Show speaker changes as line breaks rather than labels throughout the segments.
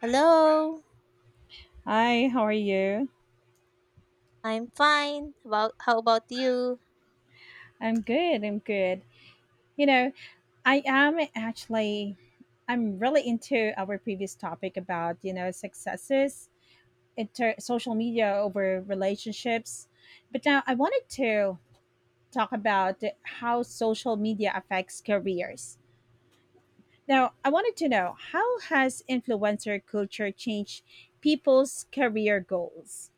Hello,
Hi, how are you?
I'm fine. About how about you?
I'm good. I'm good. You know, I am actually I'm really into our previous topic about, successes in social media over relationships. But now I wanted to talk about how social media affects careers. Now, I wanted to know, how has influencer culture changed people's career goals?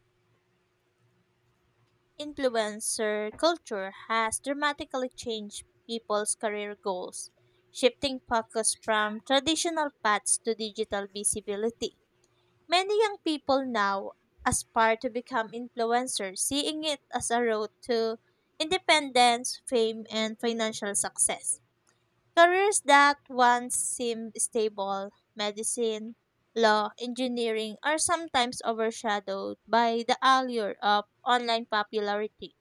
Influencer culture has dramatically changed people's career goals, shifting focus from traditional paths to digital visibility. Many young people now aspire to become influencers, seeing it as a road to independence, fame, and financial success. Careers that once seemed stable, medicine, law, engineering, are sometimes overshadowed by the allure of online popularity.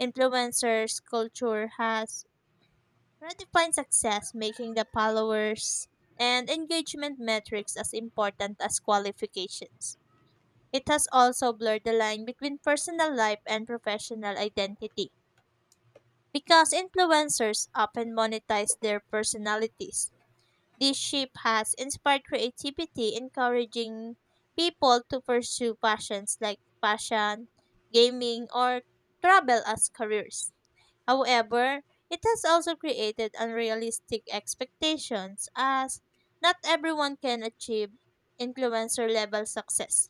Influencers' culture has redefined success, making the followers and engagement metrics as important as qualifications. It has also blurred the line between personal life and professional identity because influencers often monetize their personalities. This shift has inspired creativity, encouraging people to pursue passions like fashion, gaming, or travel as careers. However, it has also created unrealistic expectations as not everyone can achieve influencer level success.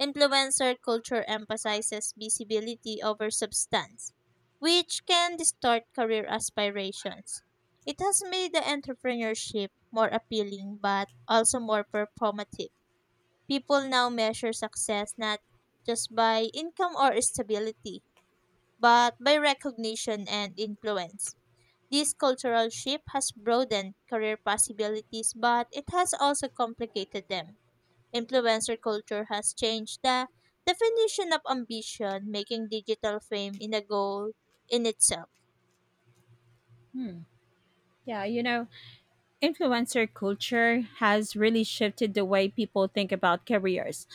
Influencer culture emphasizes visibility over substance, which can distort career aspirations. It has made the entrepreneurship more appealing but also more performative. People now measure success not just by income or stability, but by recognition and influence. This cultural shift has broadened career possibilities, but it has also complicated them. Influencer culture has changed the definition of ambition, making digital fame in a goal in itself.
Hmm. Yeah, influencer culture has really shifted the way people think about careers.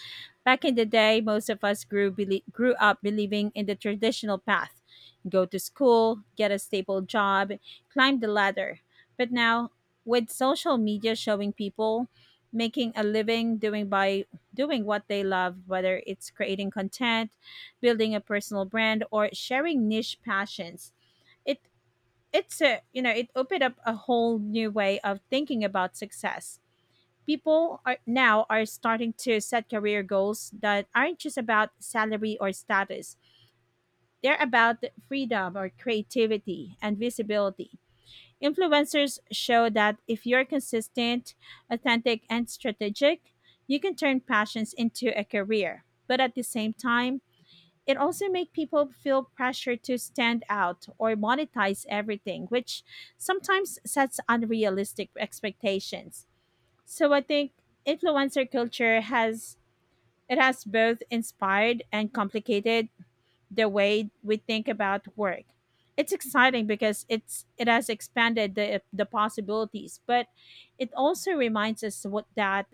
Back in the day, most of us grew up believing in the traditional path: go to school, get a stable job, climb the ladder. But now, with social media showing people making a living doing by doing what they love, whether it's creating content, building a personal brand, or sharing niche passions, it it opened up a whole new way of thinking about success. People are starting to set career goals that aren't just about salary or status. They're about freedom or creativity and visibility. Influencers show that if you're consistent, authentic, and strategic, you can turn passions into a career. But at the same time, it also makes people feel pressure to stand out or monetize everything, which sometimes sets unrealistic expectations. So I think influencer culture has, it has both inspired and complicated the way we think about work. It's exciting because it has expanded the possibilities, but it also reminds us what that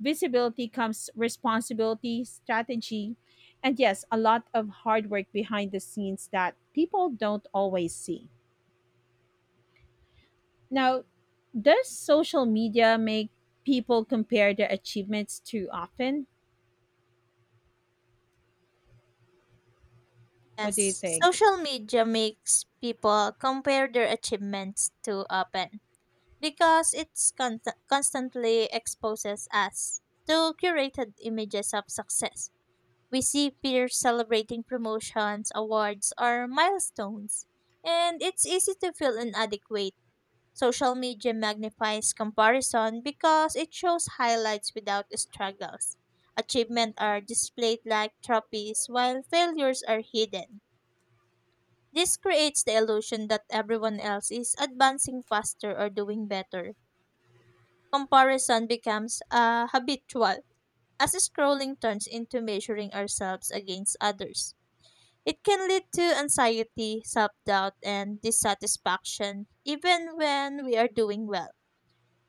visibility comes responsibility, strategy, and yes, a lot of hard work behind the scenes that people don't always see. Now, does social media make people compare their achievements too often? What do you
As
think?
social media makes people compare their achievements too often because it constantly exposes us to curated images of success. We see peers celebrating promotions, awards, or milestones, and it's easy to feel inadequate. Social media magnifies comparison because it shows highlights without struggles. Achievements are displayed like trophies while failures are hidden. This creates the illusion that everyone else is advancing faster or doing better. Comparison becomes habitual as scrolling turns into measuring ourselves against others. It can lead to anxiety, self doubt, and dissatisfaction even when we are doing well.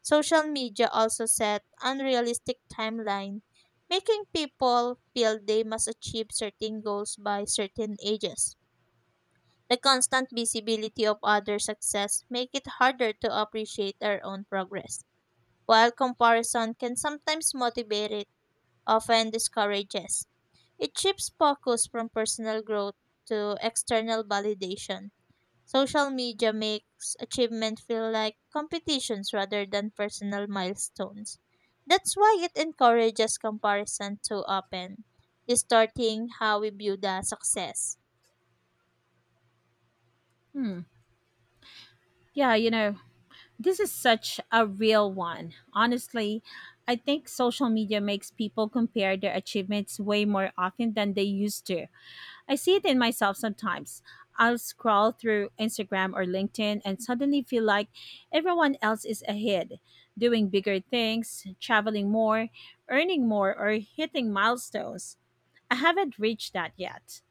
Social media also set unrealistic timeline, making people feel they must achieve certain goals by certain ages. The constant visibility of other success make it harder to appreciate our own progress. While comparison can sometimes motivate it, often discourages. It shifts focus from personal growth to external validation. Social media makes achievement feel like competitions rather than personal milestones. That's why it encourages comparison too often, distorting how we view the success.
Hmm. Yeah, this is such a real one. Honestly, I think social media makes people compare their achievements way more often than they used to. I see it in myself sometimes. I'll scroll through Instagram or LinkedIn and suddenly feel like everyone else is ahead, doing bigger things, traveling more, earning more, or hitting milestones I haven't reached that yet.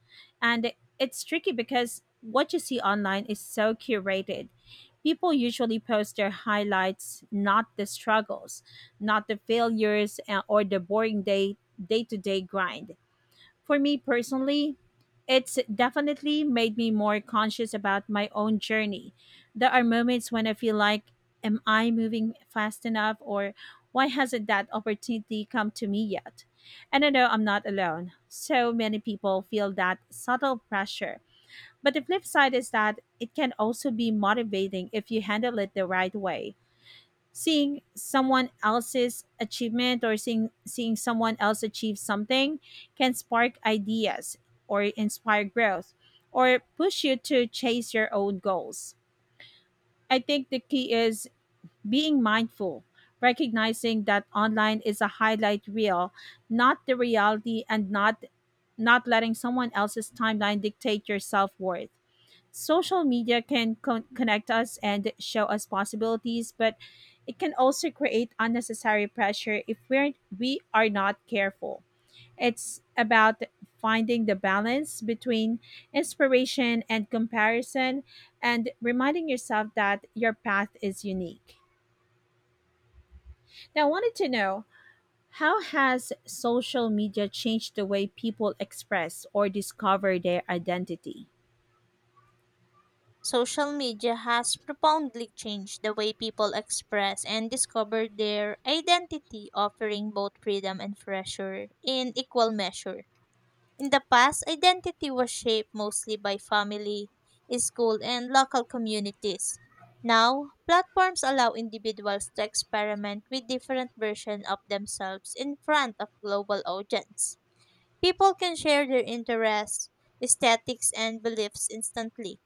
And it's tricky because what you see online is so curated. People usually post their highlights, not the struggles, not the failures, or the boring day-to-day grind. For me personally, it's definitely made me more conscious about my own journey. There are moments when I feel like, am I moving fast enough, or why hasn't that opportunity come to me yet? And I know I'm not alone. So many people feel that subtle pressure. But the flip side is that it can also be motivating if you handle it the right way. Seeing someone else's achievement, or seeing someone else achieve something, can spark ideas or inspire growth, or push you to chase your own goals. I think the key is being mindful, recognizing that online is a highlight reel, not the reality, and not letting someone else's timeline dictate your self-worth. Social media can connect us and show us possibilities, but it can also create unnecessary pressure if we are not careful. It's about finding the balance between inspiration and comparison, and reminding yourself that your path is unique. Now I wanted to know, how has social media changed the way people express or discover their identity?
Social media has profoundly changed the way people express and discover their identity, offering both freedom and pressure in equal measure. In the past, identity was shaped mostly by family, school, and local communities. Now, platforms allow individuals to experiment with different versions of themselves in front of global audience. People can share their interests, aesthetics, and beliefs instantly,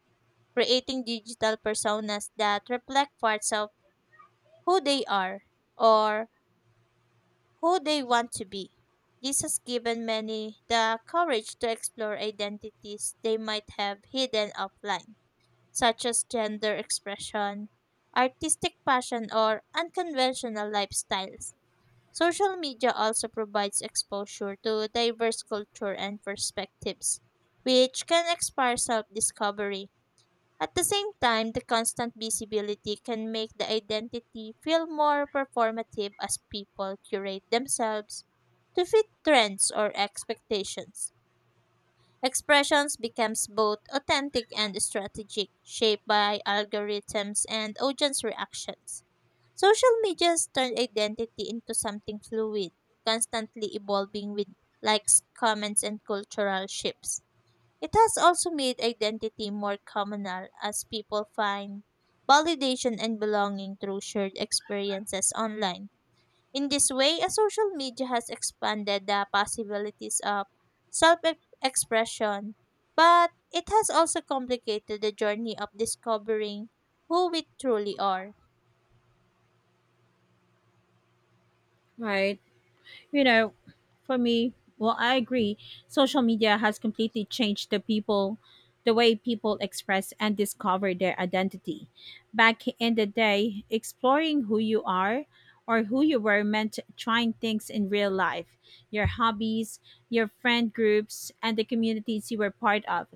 creating digital personas that reflect parts of who they are or who they want to be. This has given many the courage to explore identities they might have hidden offline, such as gender expression, artistic passion, or unconventional lifestyles. Social media also provides exposure to diverse culture and perspectives, which can inspire self discovery. At the same time, the constant visibility can make the identity feel more performative as people curate themselves to fit trends or expectations. Expressions becomes both authentic and strategic, shaped by algorithms and audience reactions. Social media's turned identity into something fluid, constantly evolving with likes, comments, and cultural shifts. It has also made identity more communal as people find validation and belonging through shared experiences online. In this way, a social media has expanded the possibilities of self expression, but it has also complicated the journey of discovering who we truly are.
Right. you know, for me, well, I agree. Social media has completely changed the way people express and discover their identity. Back in the day, exploring who you are or who you were meant trying things in real life, your hobbies, your friend groups, and the communities you were part of.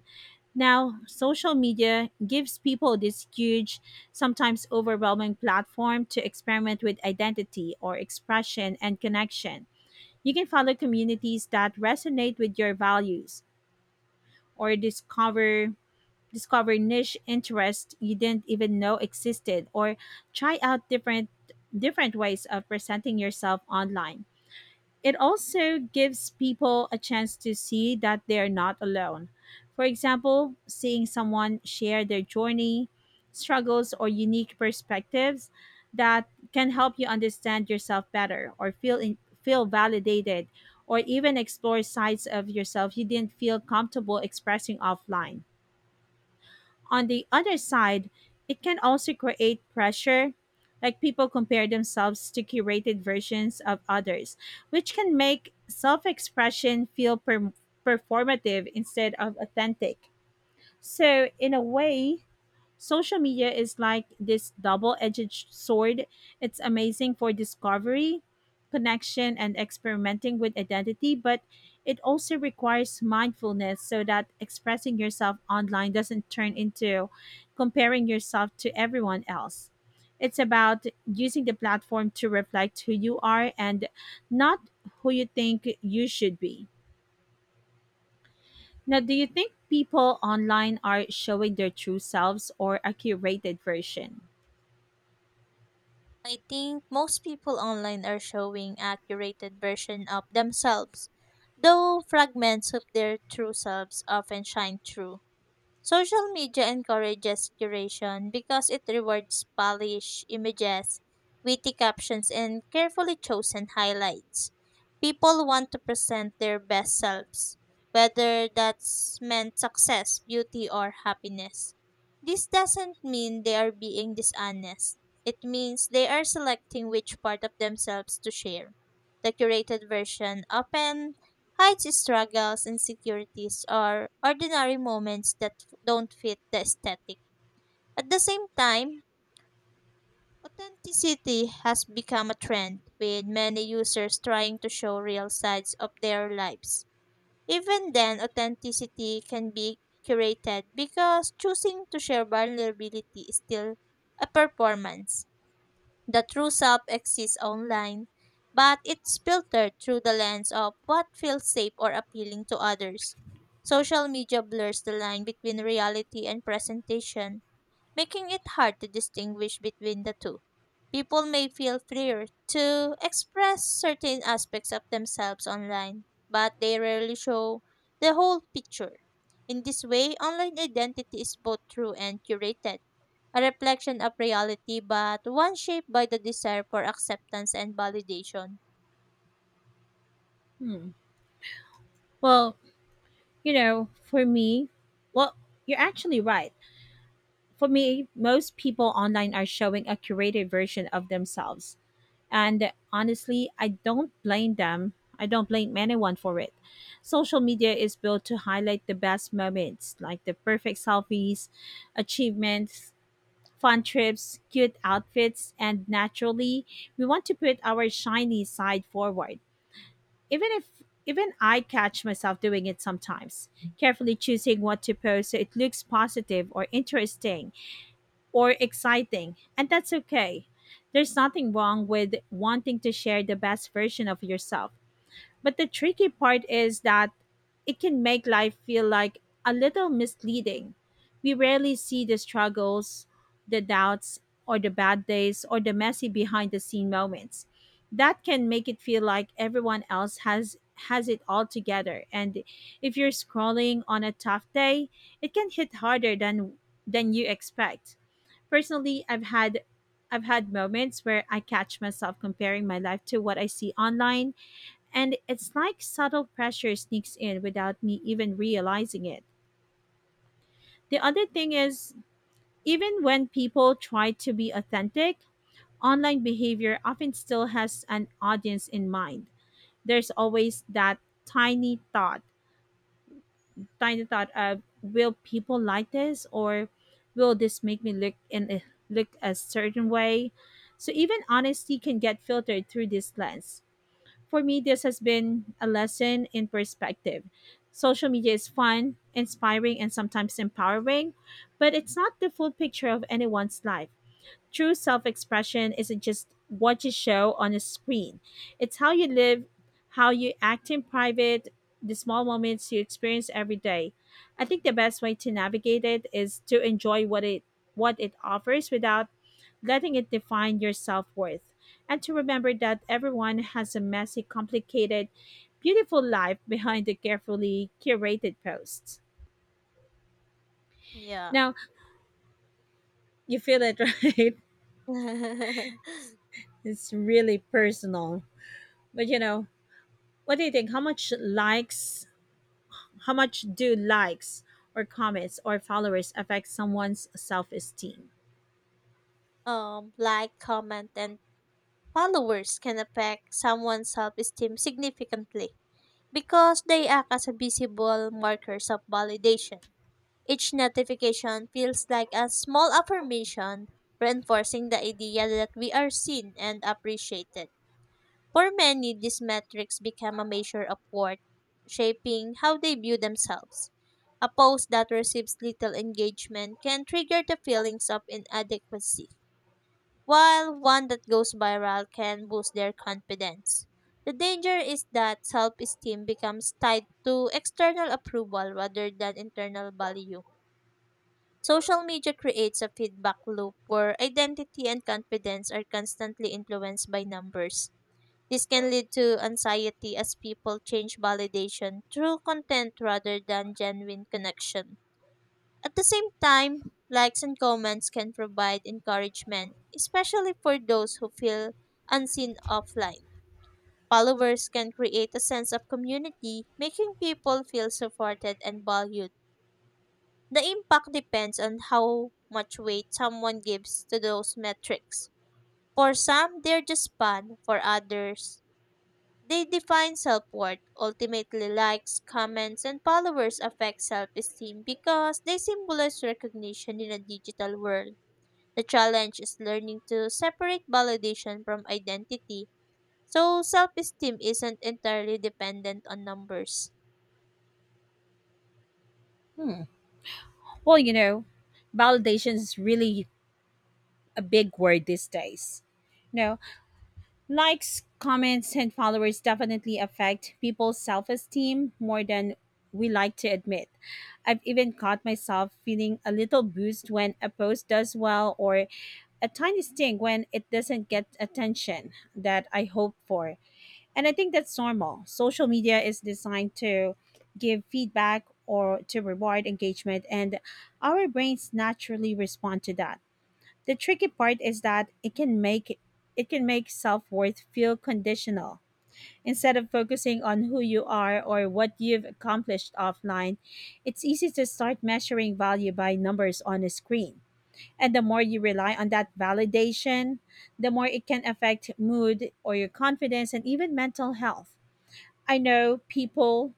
Now, social media gives people this huge, sometimes overwhelming platform to experiment with identity or expression and connection. You can follow communities that resonate with your values, or discover niche interests you didn't even know existed, or try out different ways of presenting yourself online. It also gives people a chance to see that they are not alone. For example, seeing someone share their journey, struggles, or unique perspectives, that can help you understand yourself better, or feel validated, or even explore sides of yourself you didn't feel comfortable expressing offline. On the other side, it can also create pressure, like people compare themselves to curated versions of others, which can make self expression feel performative instead of authentic. So, in a way, social media is like this double edged sword. It's amazing for discovery, connection, and experimenting with identity, but it also requires mindfulness, so that expressing yourself online doesn't turn into comparing yourself to everyone else. It's about using the platform to reflect who you are, and not who you think you should be. Now, do you think people online are showing their true selves or a curated version?
I think most people online are showing a curated version of themselves, though fragments of their true selves often shine through. Social media encourages curation because it rewards polished images, witty captions, and carefully chosen highlights. People want to present their best selves, whether that's meant success, beauty, or happiness. This doesn't mean they are being dishonest. It means they are selecting which part of themselves to share. The curated version often hides struggles, insecurities, or ordinary moments that don't fit the aesthetic. At the same time, authenticity has become a trend, with many users trying to show real sides of their lives. Even then, authenticity can be curated because choosing to share vulnerability is still a performance. The true self exists online, but it's filtered through the lens of what feels safe or appealing to others. Social media blurs the line between reality and presentation, making it hard to distinguish between the two. People may feel freer to express certain aspects of themselves online, but they rarely show the whole picture. In this way, online identity is both true and curated, a reflection of reality, but one shaped by the desire for acceptance and validation.
Hmm. Well, you know, for me, well, you're actually right. For me, most people online are showing a curated version of themselves. And honestly, I don't blame them. I don't blame anyone for it. Social media is built to highlight the best moments, like the perfect selfies, achievements, fun trips, cute outfits, and naturally, we want to put our shiny side forward. Even if Even I catch myself doing it sometimes, carefully choosing what to post so it looks positive or interesting or exciting, and that's okay. There's nothing wrong with wanting to share the best version of yourself. But the tricky part is that it can make life feel like a little misleading. We rarely see the struggles, the doubts, or the bad days, or the messy behind the scene moments. That can make it feel like everyone else has it all together, and if you're scrolling on a tough day, it can hit harder than you expect. Personally, I've had moments where I catch myself comparing my life to what I see online, and it's like subtle pressure sneaks in without me even realizing it. The other thing is, even when people try to be authentic, online behavior often still has an audience in mind. There's always that tiny thought, tiny thought of, will people like this, or will this make me look a certain way? So even honesty can get filtered through this lens. For me, this has been a lesson in perspective. Social media is fun, inspiring, and sometimes empowering, but it's not the full picture of anyone's life. True self expression isn't just what you show on a screen, it's how you live, how you act in private, the small moments you experience every day. I think the best way to navigate it is to enjoy what it offers without letting it define your self-worth, and to remember that everyone has a messy, complicated, beautiful life behind the carefully curated posts.
Yeah.
Now, you feel it, right? It's really personal. But what do you think? How much do likes or comments or followers affect someone's self esteem?
Like, comment, and followers can affect someone's self esteem significantly because they act as a visible markers of validation. Each notification feels like a small affirmation, reinforcing the idea that we are seen and appreciated. For many, these metrics become a measure of worth, shaping how they view themselves. A post that receives little engagement can trigger the feelings of inadequacy, while one that goes viral can boost their confidence. The danger is that self esteem becomes tied to external approval rather than internal value. Social media creates a feedback loop where identity and confidence are constantly influenced by numbers. This can lead to anxiety as people change validation through content rather than genuine connection. At the same time, likes and comments can provide encouragement, especially for those who feel unseen offline. Followers can create a sense of community, making people feel supported and valued. The impact depends on how much weight someone gives to those metrics. For some, they're just fun. For others, they define self worth. Ultimately, likes, comments, and followers affect self esteem because they symbolize recognition in a digital world. The challenge is learning to separate validation from identity. So, self esteem isn't entirely dependent on numbers.
Well, validation is really a big word these days. You know, likes, comments, and followers definitely affect people's self esteem more than we like to admit. I've even caught myself feeling a little bruised when a post does well, or a tiny sting when it doesn't get attention that I hoped for. And I think that's normal. Social media is designed to give feedback or to reward engagement, and our brains naturally respond to that. The tricky part is that it can make self-worth feel conditional. Instead of focusing on who you are or what you've accomplished offline, it's easy to start measuring value by numbers on a screen. And the more you rely on that validation, the more it can affect mood or your confidence and even mental health. I know people,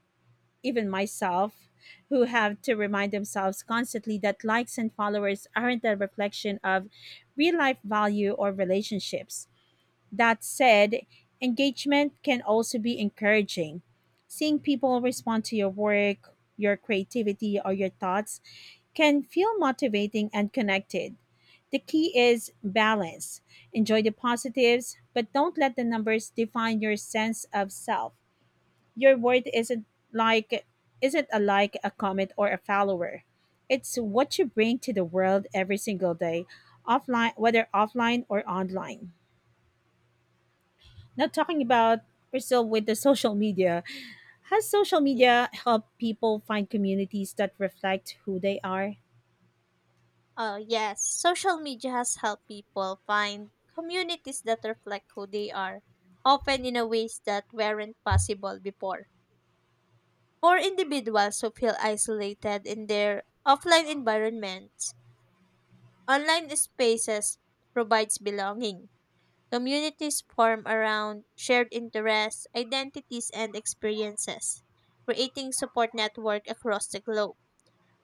even myself, who have to remind themselves constantly that likes and followers aren't a reflection of real life value or relationships. That said, engagement can also be encouraging. Seeing people respond to your work, your creativity, or your thoughts can feel motivating and connected. The key is balance. Enjoy the positives, but don't let the numbers define your sense of self. Your worth isn't like isn't a like, a comment, or a follower. It's what you bring to the world every single day, offline whether offline or online. Now, talking about, we're still with the social media. Has social
Yeah.
media helped people find communities that reflect who they are?
Yes, social media has helped people find communities that reflect who they are, often in a ways that weren't possible before. For individuals who feel isolated in their offline environments, online spaces provides belonging. Communities form around shared interests, identities, and experiences, creating support network across the globe.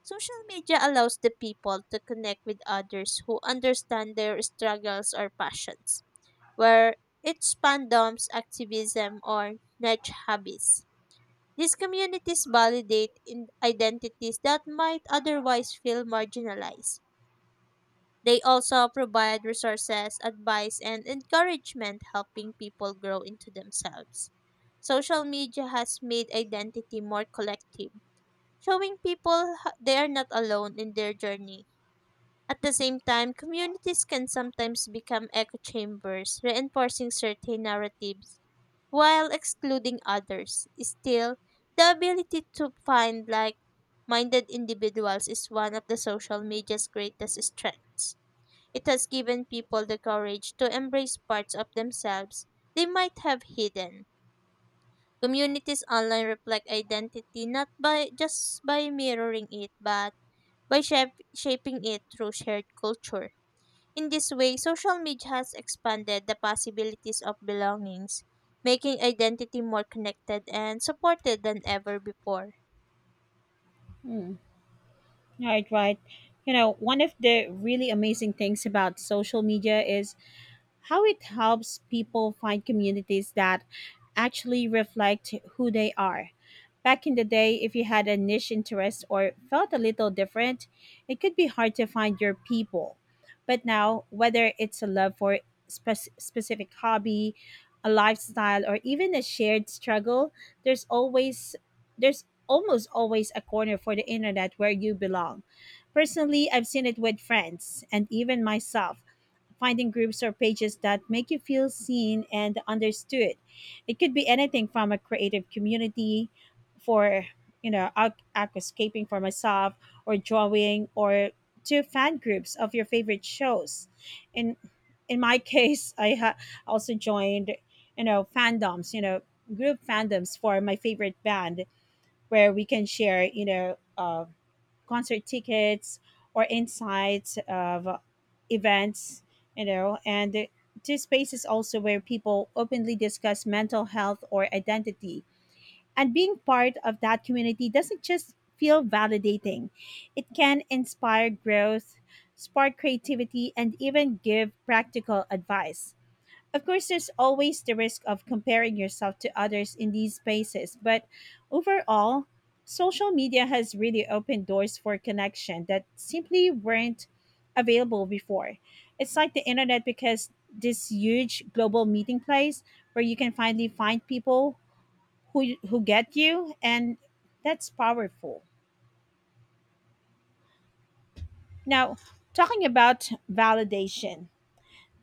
Social media allows the people to connect with others who understand their struggles or passions, where its fandoms, activism, or niche hobbies. These communities validate in identities that might otherwise feel marginalized. They also provide resources, advice, and encouragement, helping people grow into themselves. Social media has made identity more collective, showing people they are not alone in their journey. At the same time, communities can sometimes become echo chambers, reinforcing certain narratives while excluding others. Still, the ability to find like minded individuals is one of the social media's greatest strengths. It has given people the courage to embrace parts of themselves they might have hidden. Communities online reflect identity not by just by mirroring it, but by shaping it through shared culture in this way. Social media has expanded the possibilities of belongings, making identity more connected and supported than ever before.
Hmm. Right, right. You know, one of the really amazing things about social media is how it helps people find communities that actually reflect who they are. Back in the day, if you had a niche interest or felt a little different, it could be hard to find your people. But now, whether it's a love for specific hobby, a lifestyle, or even a shared struggle, there's always there's almost always a corner for the internet where you belong. Personally, I've seen it with friends and even myself finding groups or pages that make you feel seen and understood. It could be anything from a creative community for, you know, aqu- aquascaping for myself or drawing or to fan groups of your favorite shows. In in my case, also joined, fandoms, group fandoms for my favorite band where we can share, concert tickets or insights of events and this space is also where people openly discuss mental health or identity, and being part of that community doesn't just feel validating, it can inspire growth, spark creativity, and even give practical advice. Of course, there's always the risk of comparing yourself to others in these spaces, but overall, social media has really opened doors for connection that simply weren't available before. It's like the internet because this huge global meeting place where you can finally find people who get you, and that's powerful. Now, talking about validation,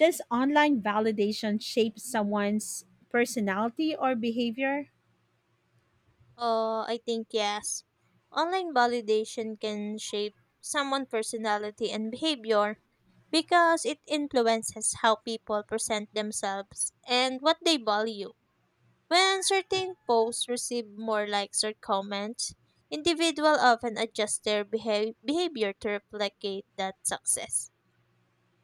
does online validation shape someone's personality or behavior?
Oh, I think yes. Online validation can shape someone's personality and behavior because it influences how people present themselves and what they value. When certain posts receive more likes or comments, individuals often adjust their behavior to replicate that success.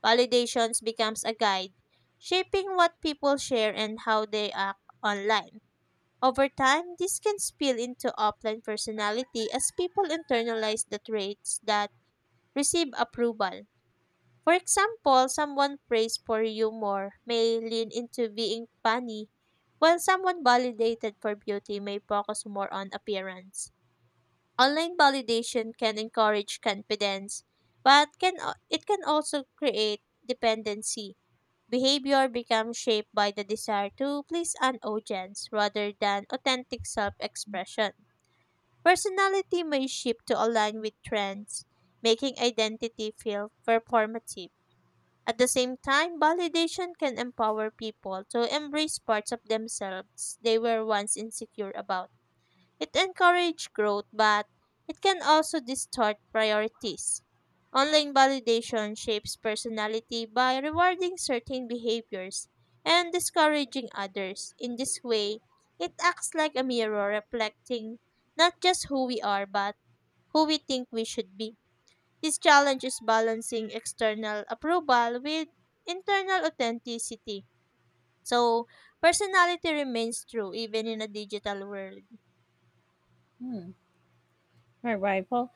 Validations becomes a guide, shaping what people share and how they act online. Over time, this can spill into offline personality as people internalize the traits that receive approval. For example, someone praised for humor may lean into being funny, while someone validated for beauty may focus more on appearance. Online validation can encourage confidence, but can it can also create dependency. Behavior becomes shaped by the desire to please an audience rather than authentic self expression. Personality may shift to align with trends, making identity feel performative. At the same time, validation can empower people to embrace parts of themselves they were once insecure about. It encourages growth, but it can also distort priorities. Online validation shapes personality by rewarding certain behaviors and discouraging others. In this way, it acts like a mirror reflecting not just who we are, but who we think we should be. This challenge is balancing external approval with internal authenticity. So, personality remains true even in a digital world.
Hmm. All right. Well,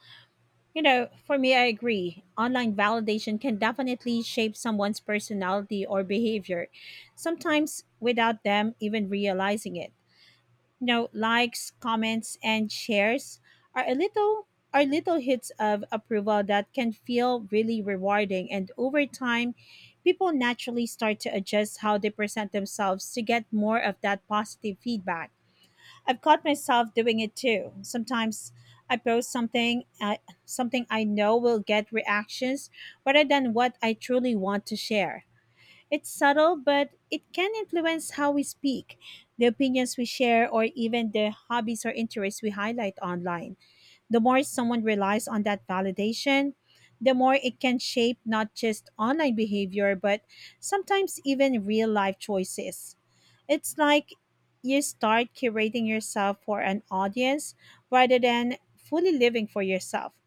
you know, for me, I agree. Online validation can definitely shape someone's personality or behavior, sometimes without them even realizing it. You know, likes, comments, and shares are a little are little hits of approval that can feel really rewarding. And over time, people naturally start to adjust how they present themselves to get more of that positive feedback. I've caught myself doing it too. Sometimes I post something I know will get reactions rather than what I truly want to share. It's subtle, but it can influence how we speak, the opinions we share, or even the hobbies or interests we highlight online. The more someone relies on that validation, the more it can shape not just online behavior, but sometimes even real life choices. It's like you start curating yourself for an audience rather than fully living for yourself.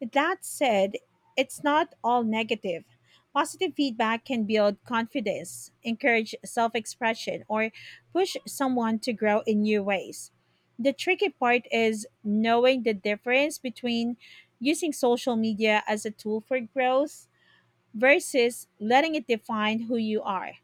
That said, it's not all negative. Positive feedback can build confidence, encourage self expression, or push someone to grow in new ways. The tricky part is knowing the difference between using social media as a tool for growth versus letting it define who you are.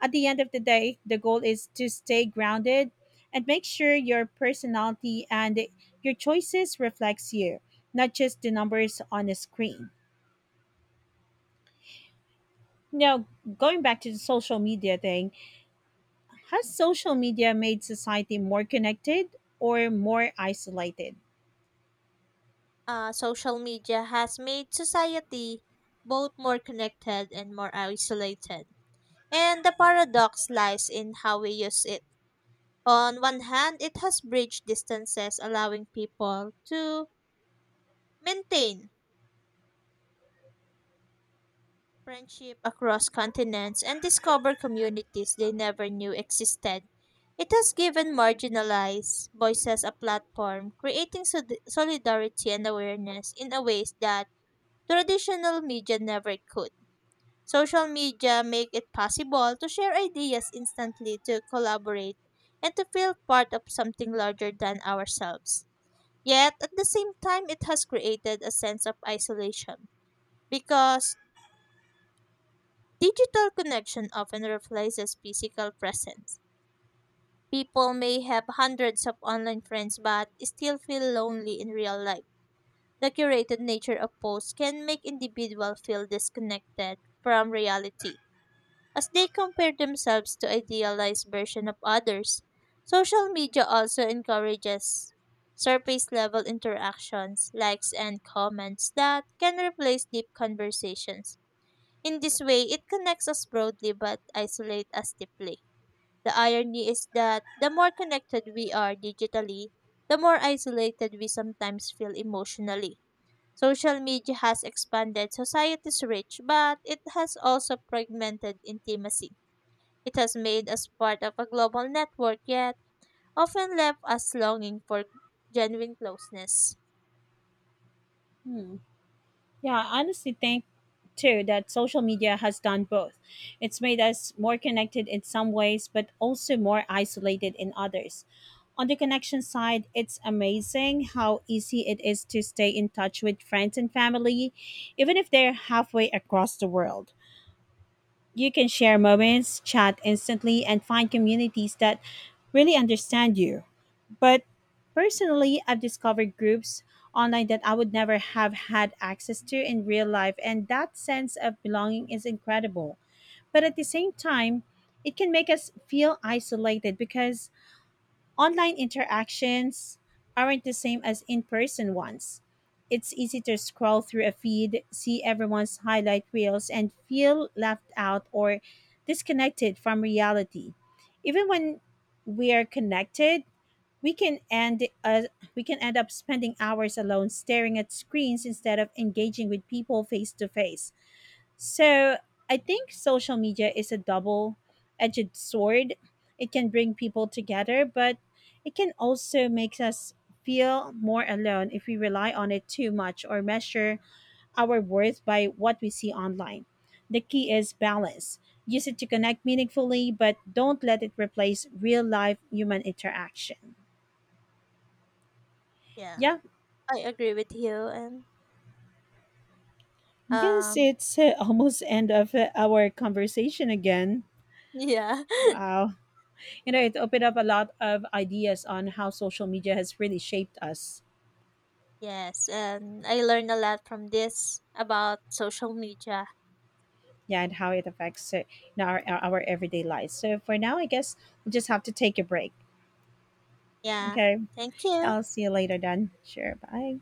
At the end of the day, the goal is to stay grounded and make sure your personality and your choices reflects you, not just the numbers on a screen. Now, going back to the social media thing, has social media made society more connected or more isolated?
Social media has made society both more connected and more isolated. And the paradox lies in how we use it. On one hand, it has bridged distances, allowing people to maintain friendship across continents and discover communities they never knew existed. It has given marginalized voices a platform, creating solidarity and awareness in a ways that traditional media never could. Social media make it possible to share ideas instantly, to collaborate, and to feel part of something larger than ourselves. Yet, at the same time, it has created a sense of isolation because digital connection often replaces physical presence. People may have hundreds of online friends but still feel lonely in real life. The curated nature of posts can make individuals feel disconnected from reality as they compare themselves to idealized version of others. Social media also encourages surface level interactions, likes and comments that can replace deep conversations. In this way, it connects us broadly but isolates us deeply. The irony is that the more connected we are digitally, the more isolated we sometimes feel emotionally. Social media has expanded society's reach, but it has also fragmented intimacy. It has made us part of a global network, yet often left us longing for genuine closeness.
Hmm. Yeah, I honestly think too that social media has done both. It's made us more connected in some ways, but also more isolated in others. On the connection side, it's amazing how easy it is to stay in touch with friends and family, even if they're halfway across the world. You can share moments, chat instantly, and find communities that really understand you. But personally, I've discovered groups online that I would never have had access to in real life, and that sense of belonging is incredible. But at the same time, it can make us feel isolated because online interactions aren't the same as in person ones. It's easy to scroll through a feed, see everyone's highlight reels, and feel left out or disconnected from reality. Even when we are connected, we can end uh, we can end up spending hours alone staring at screens instead of engaging with people face to face. So, I think social media is a double-edged sword. It can bring people together, but it can also make us feel more alone if we rely on it too much or measure our worth by what we see online. The key is balance. Use it to connect meaningfully, but don't let it replace real life human interaction.
Yeah,
Yeah.
I agree with you.
Guess
Um,
it's almost end of our conversation again.
yeah,
Wow. You know, it opened up a lot of ideas on how social media has really shaped us.
yes. And I learned a lot from this about social media.
Yeah, and how it affects you know, our everyday lives. So for now, I guess we'll just have to take a break.
Yeah,
Okay.
thank you.
I'll see you later then. Sure. Bye.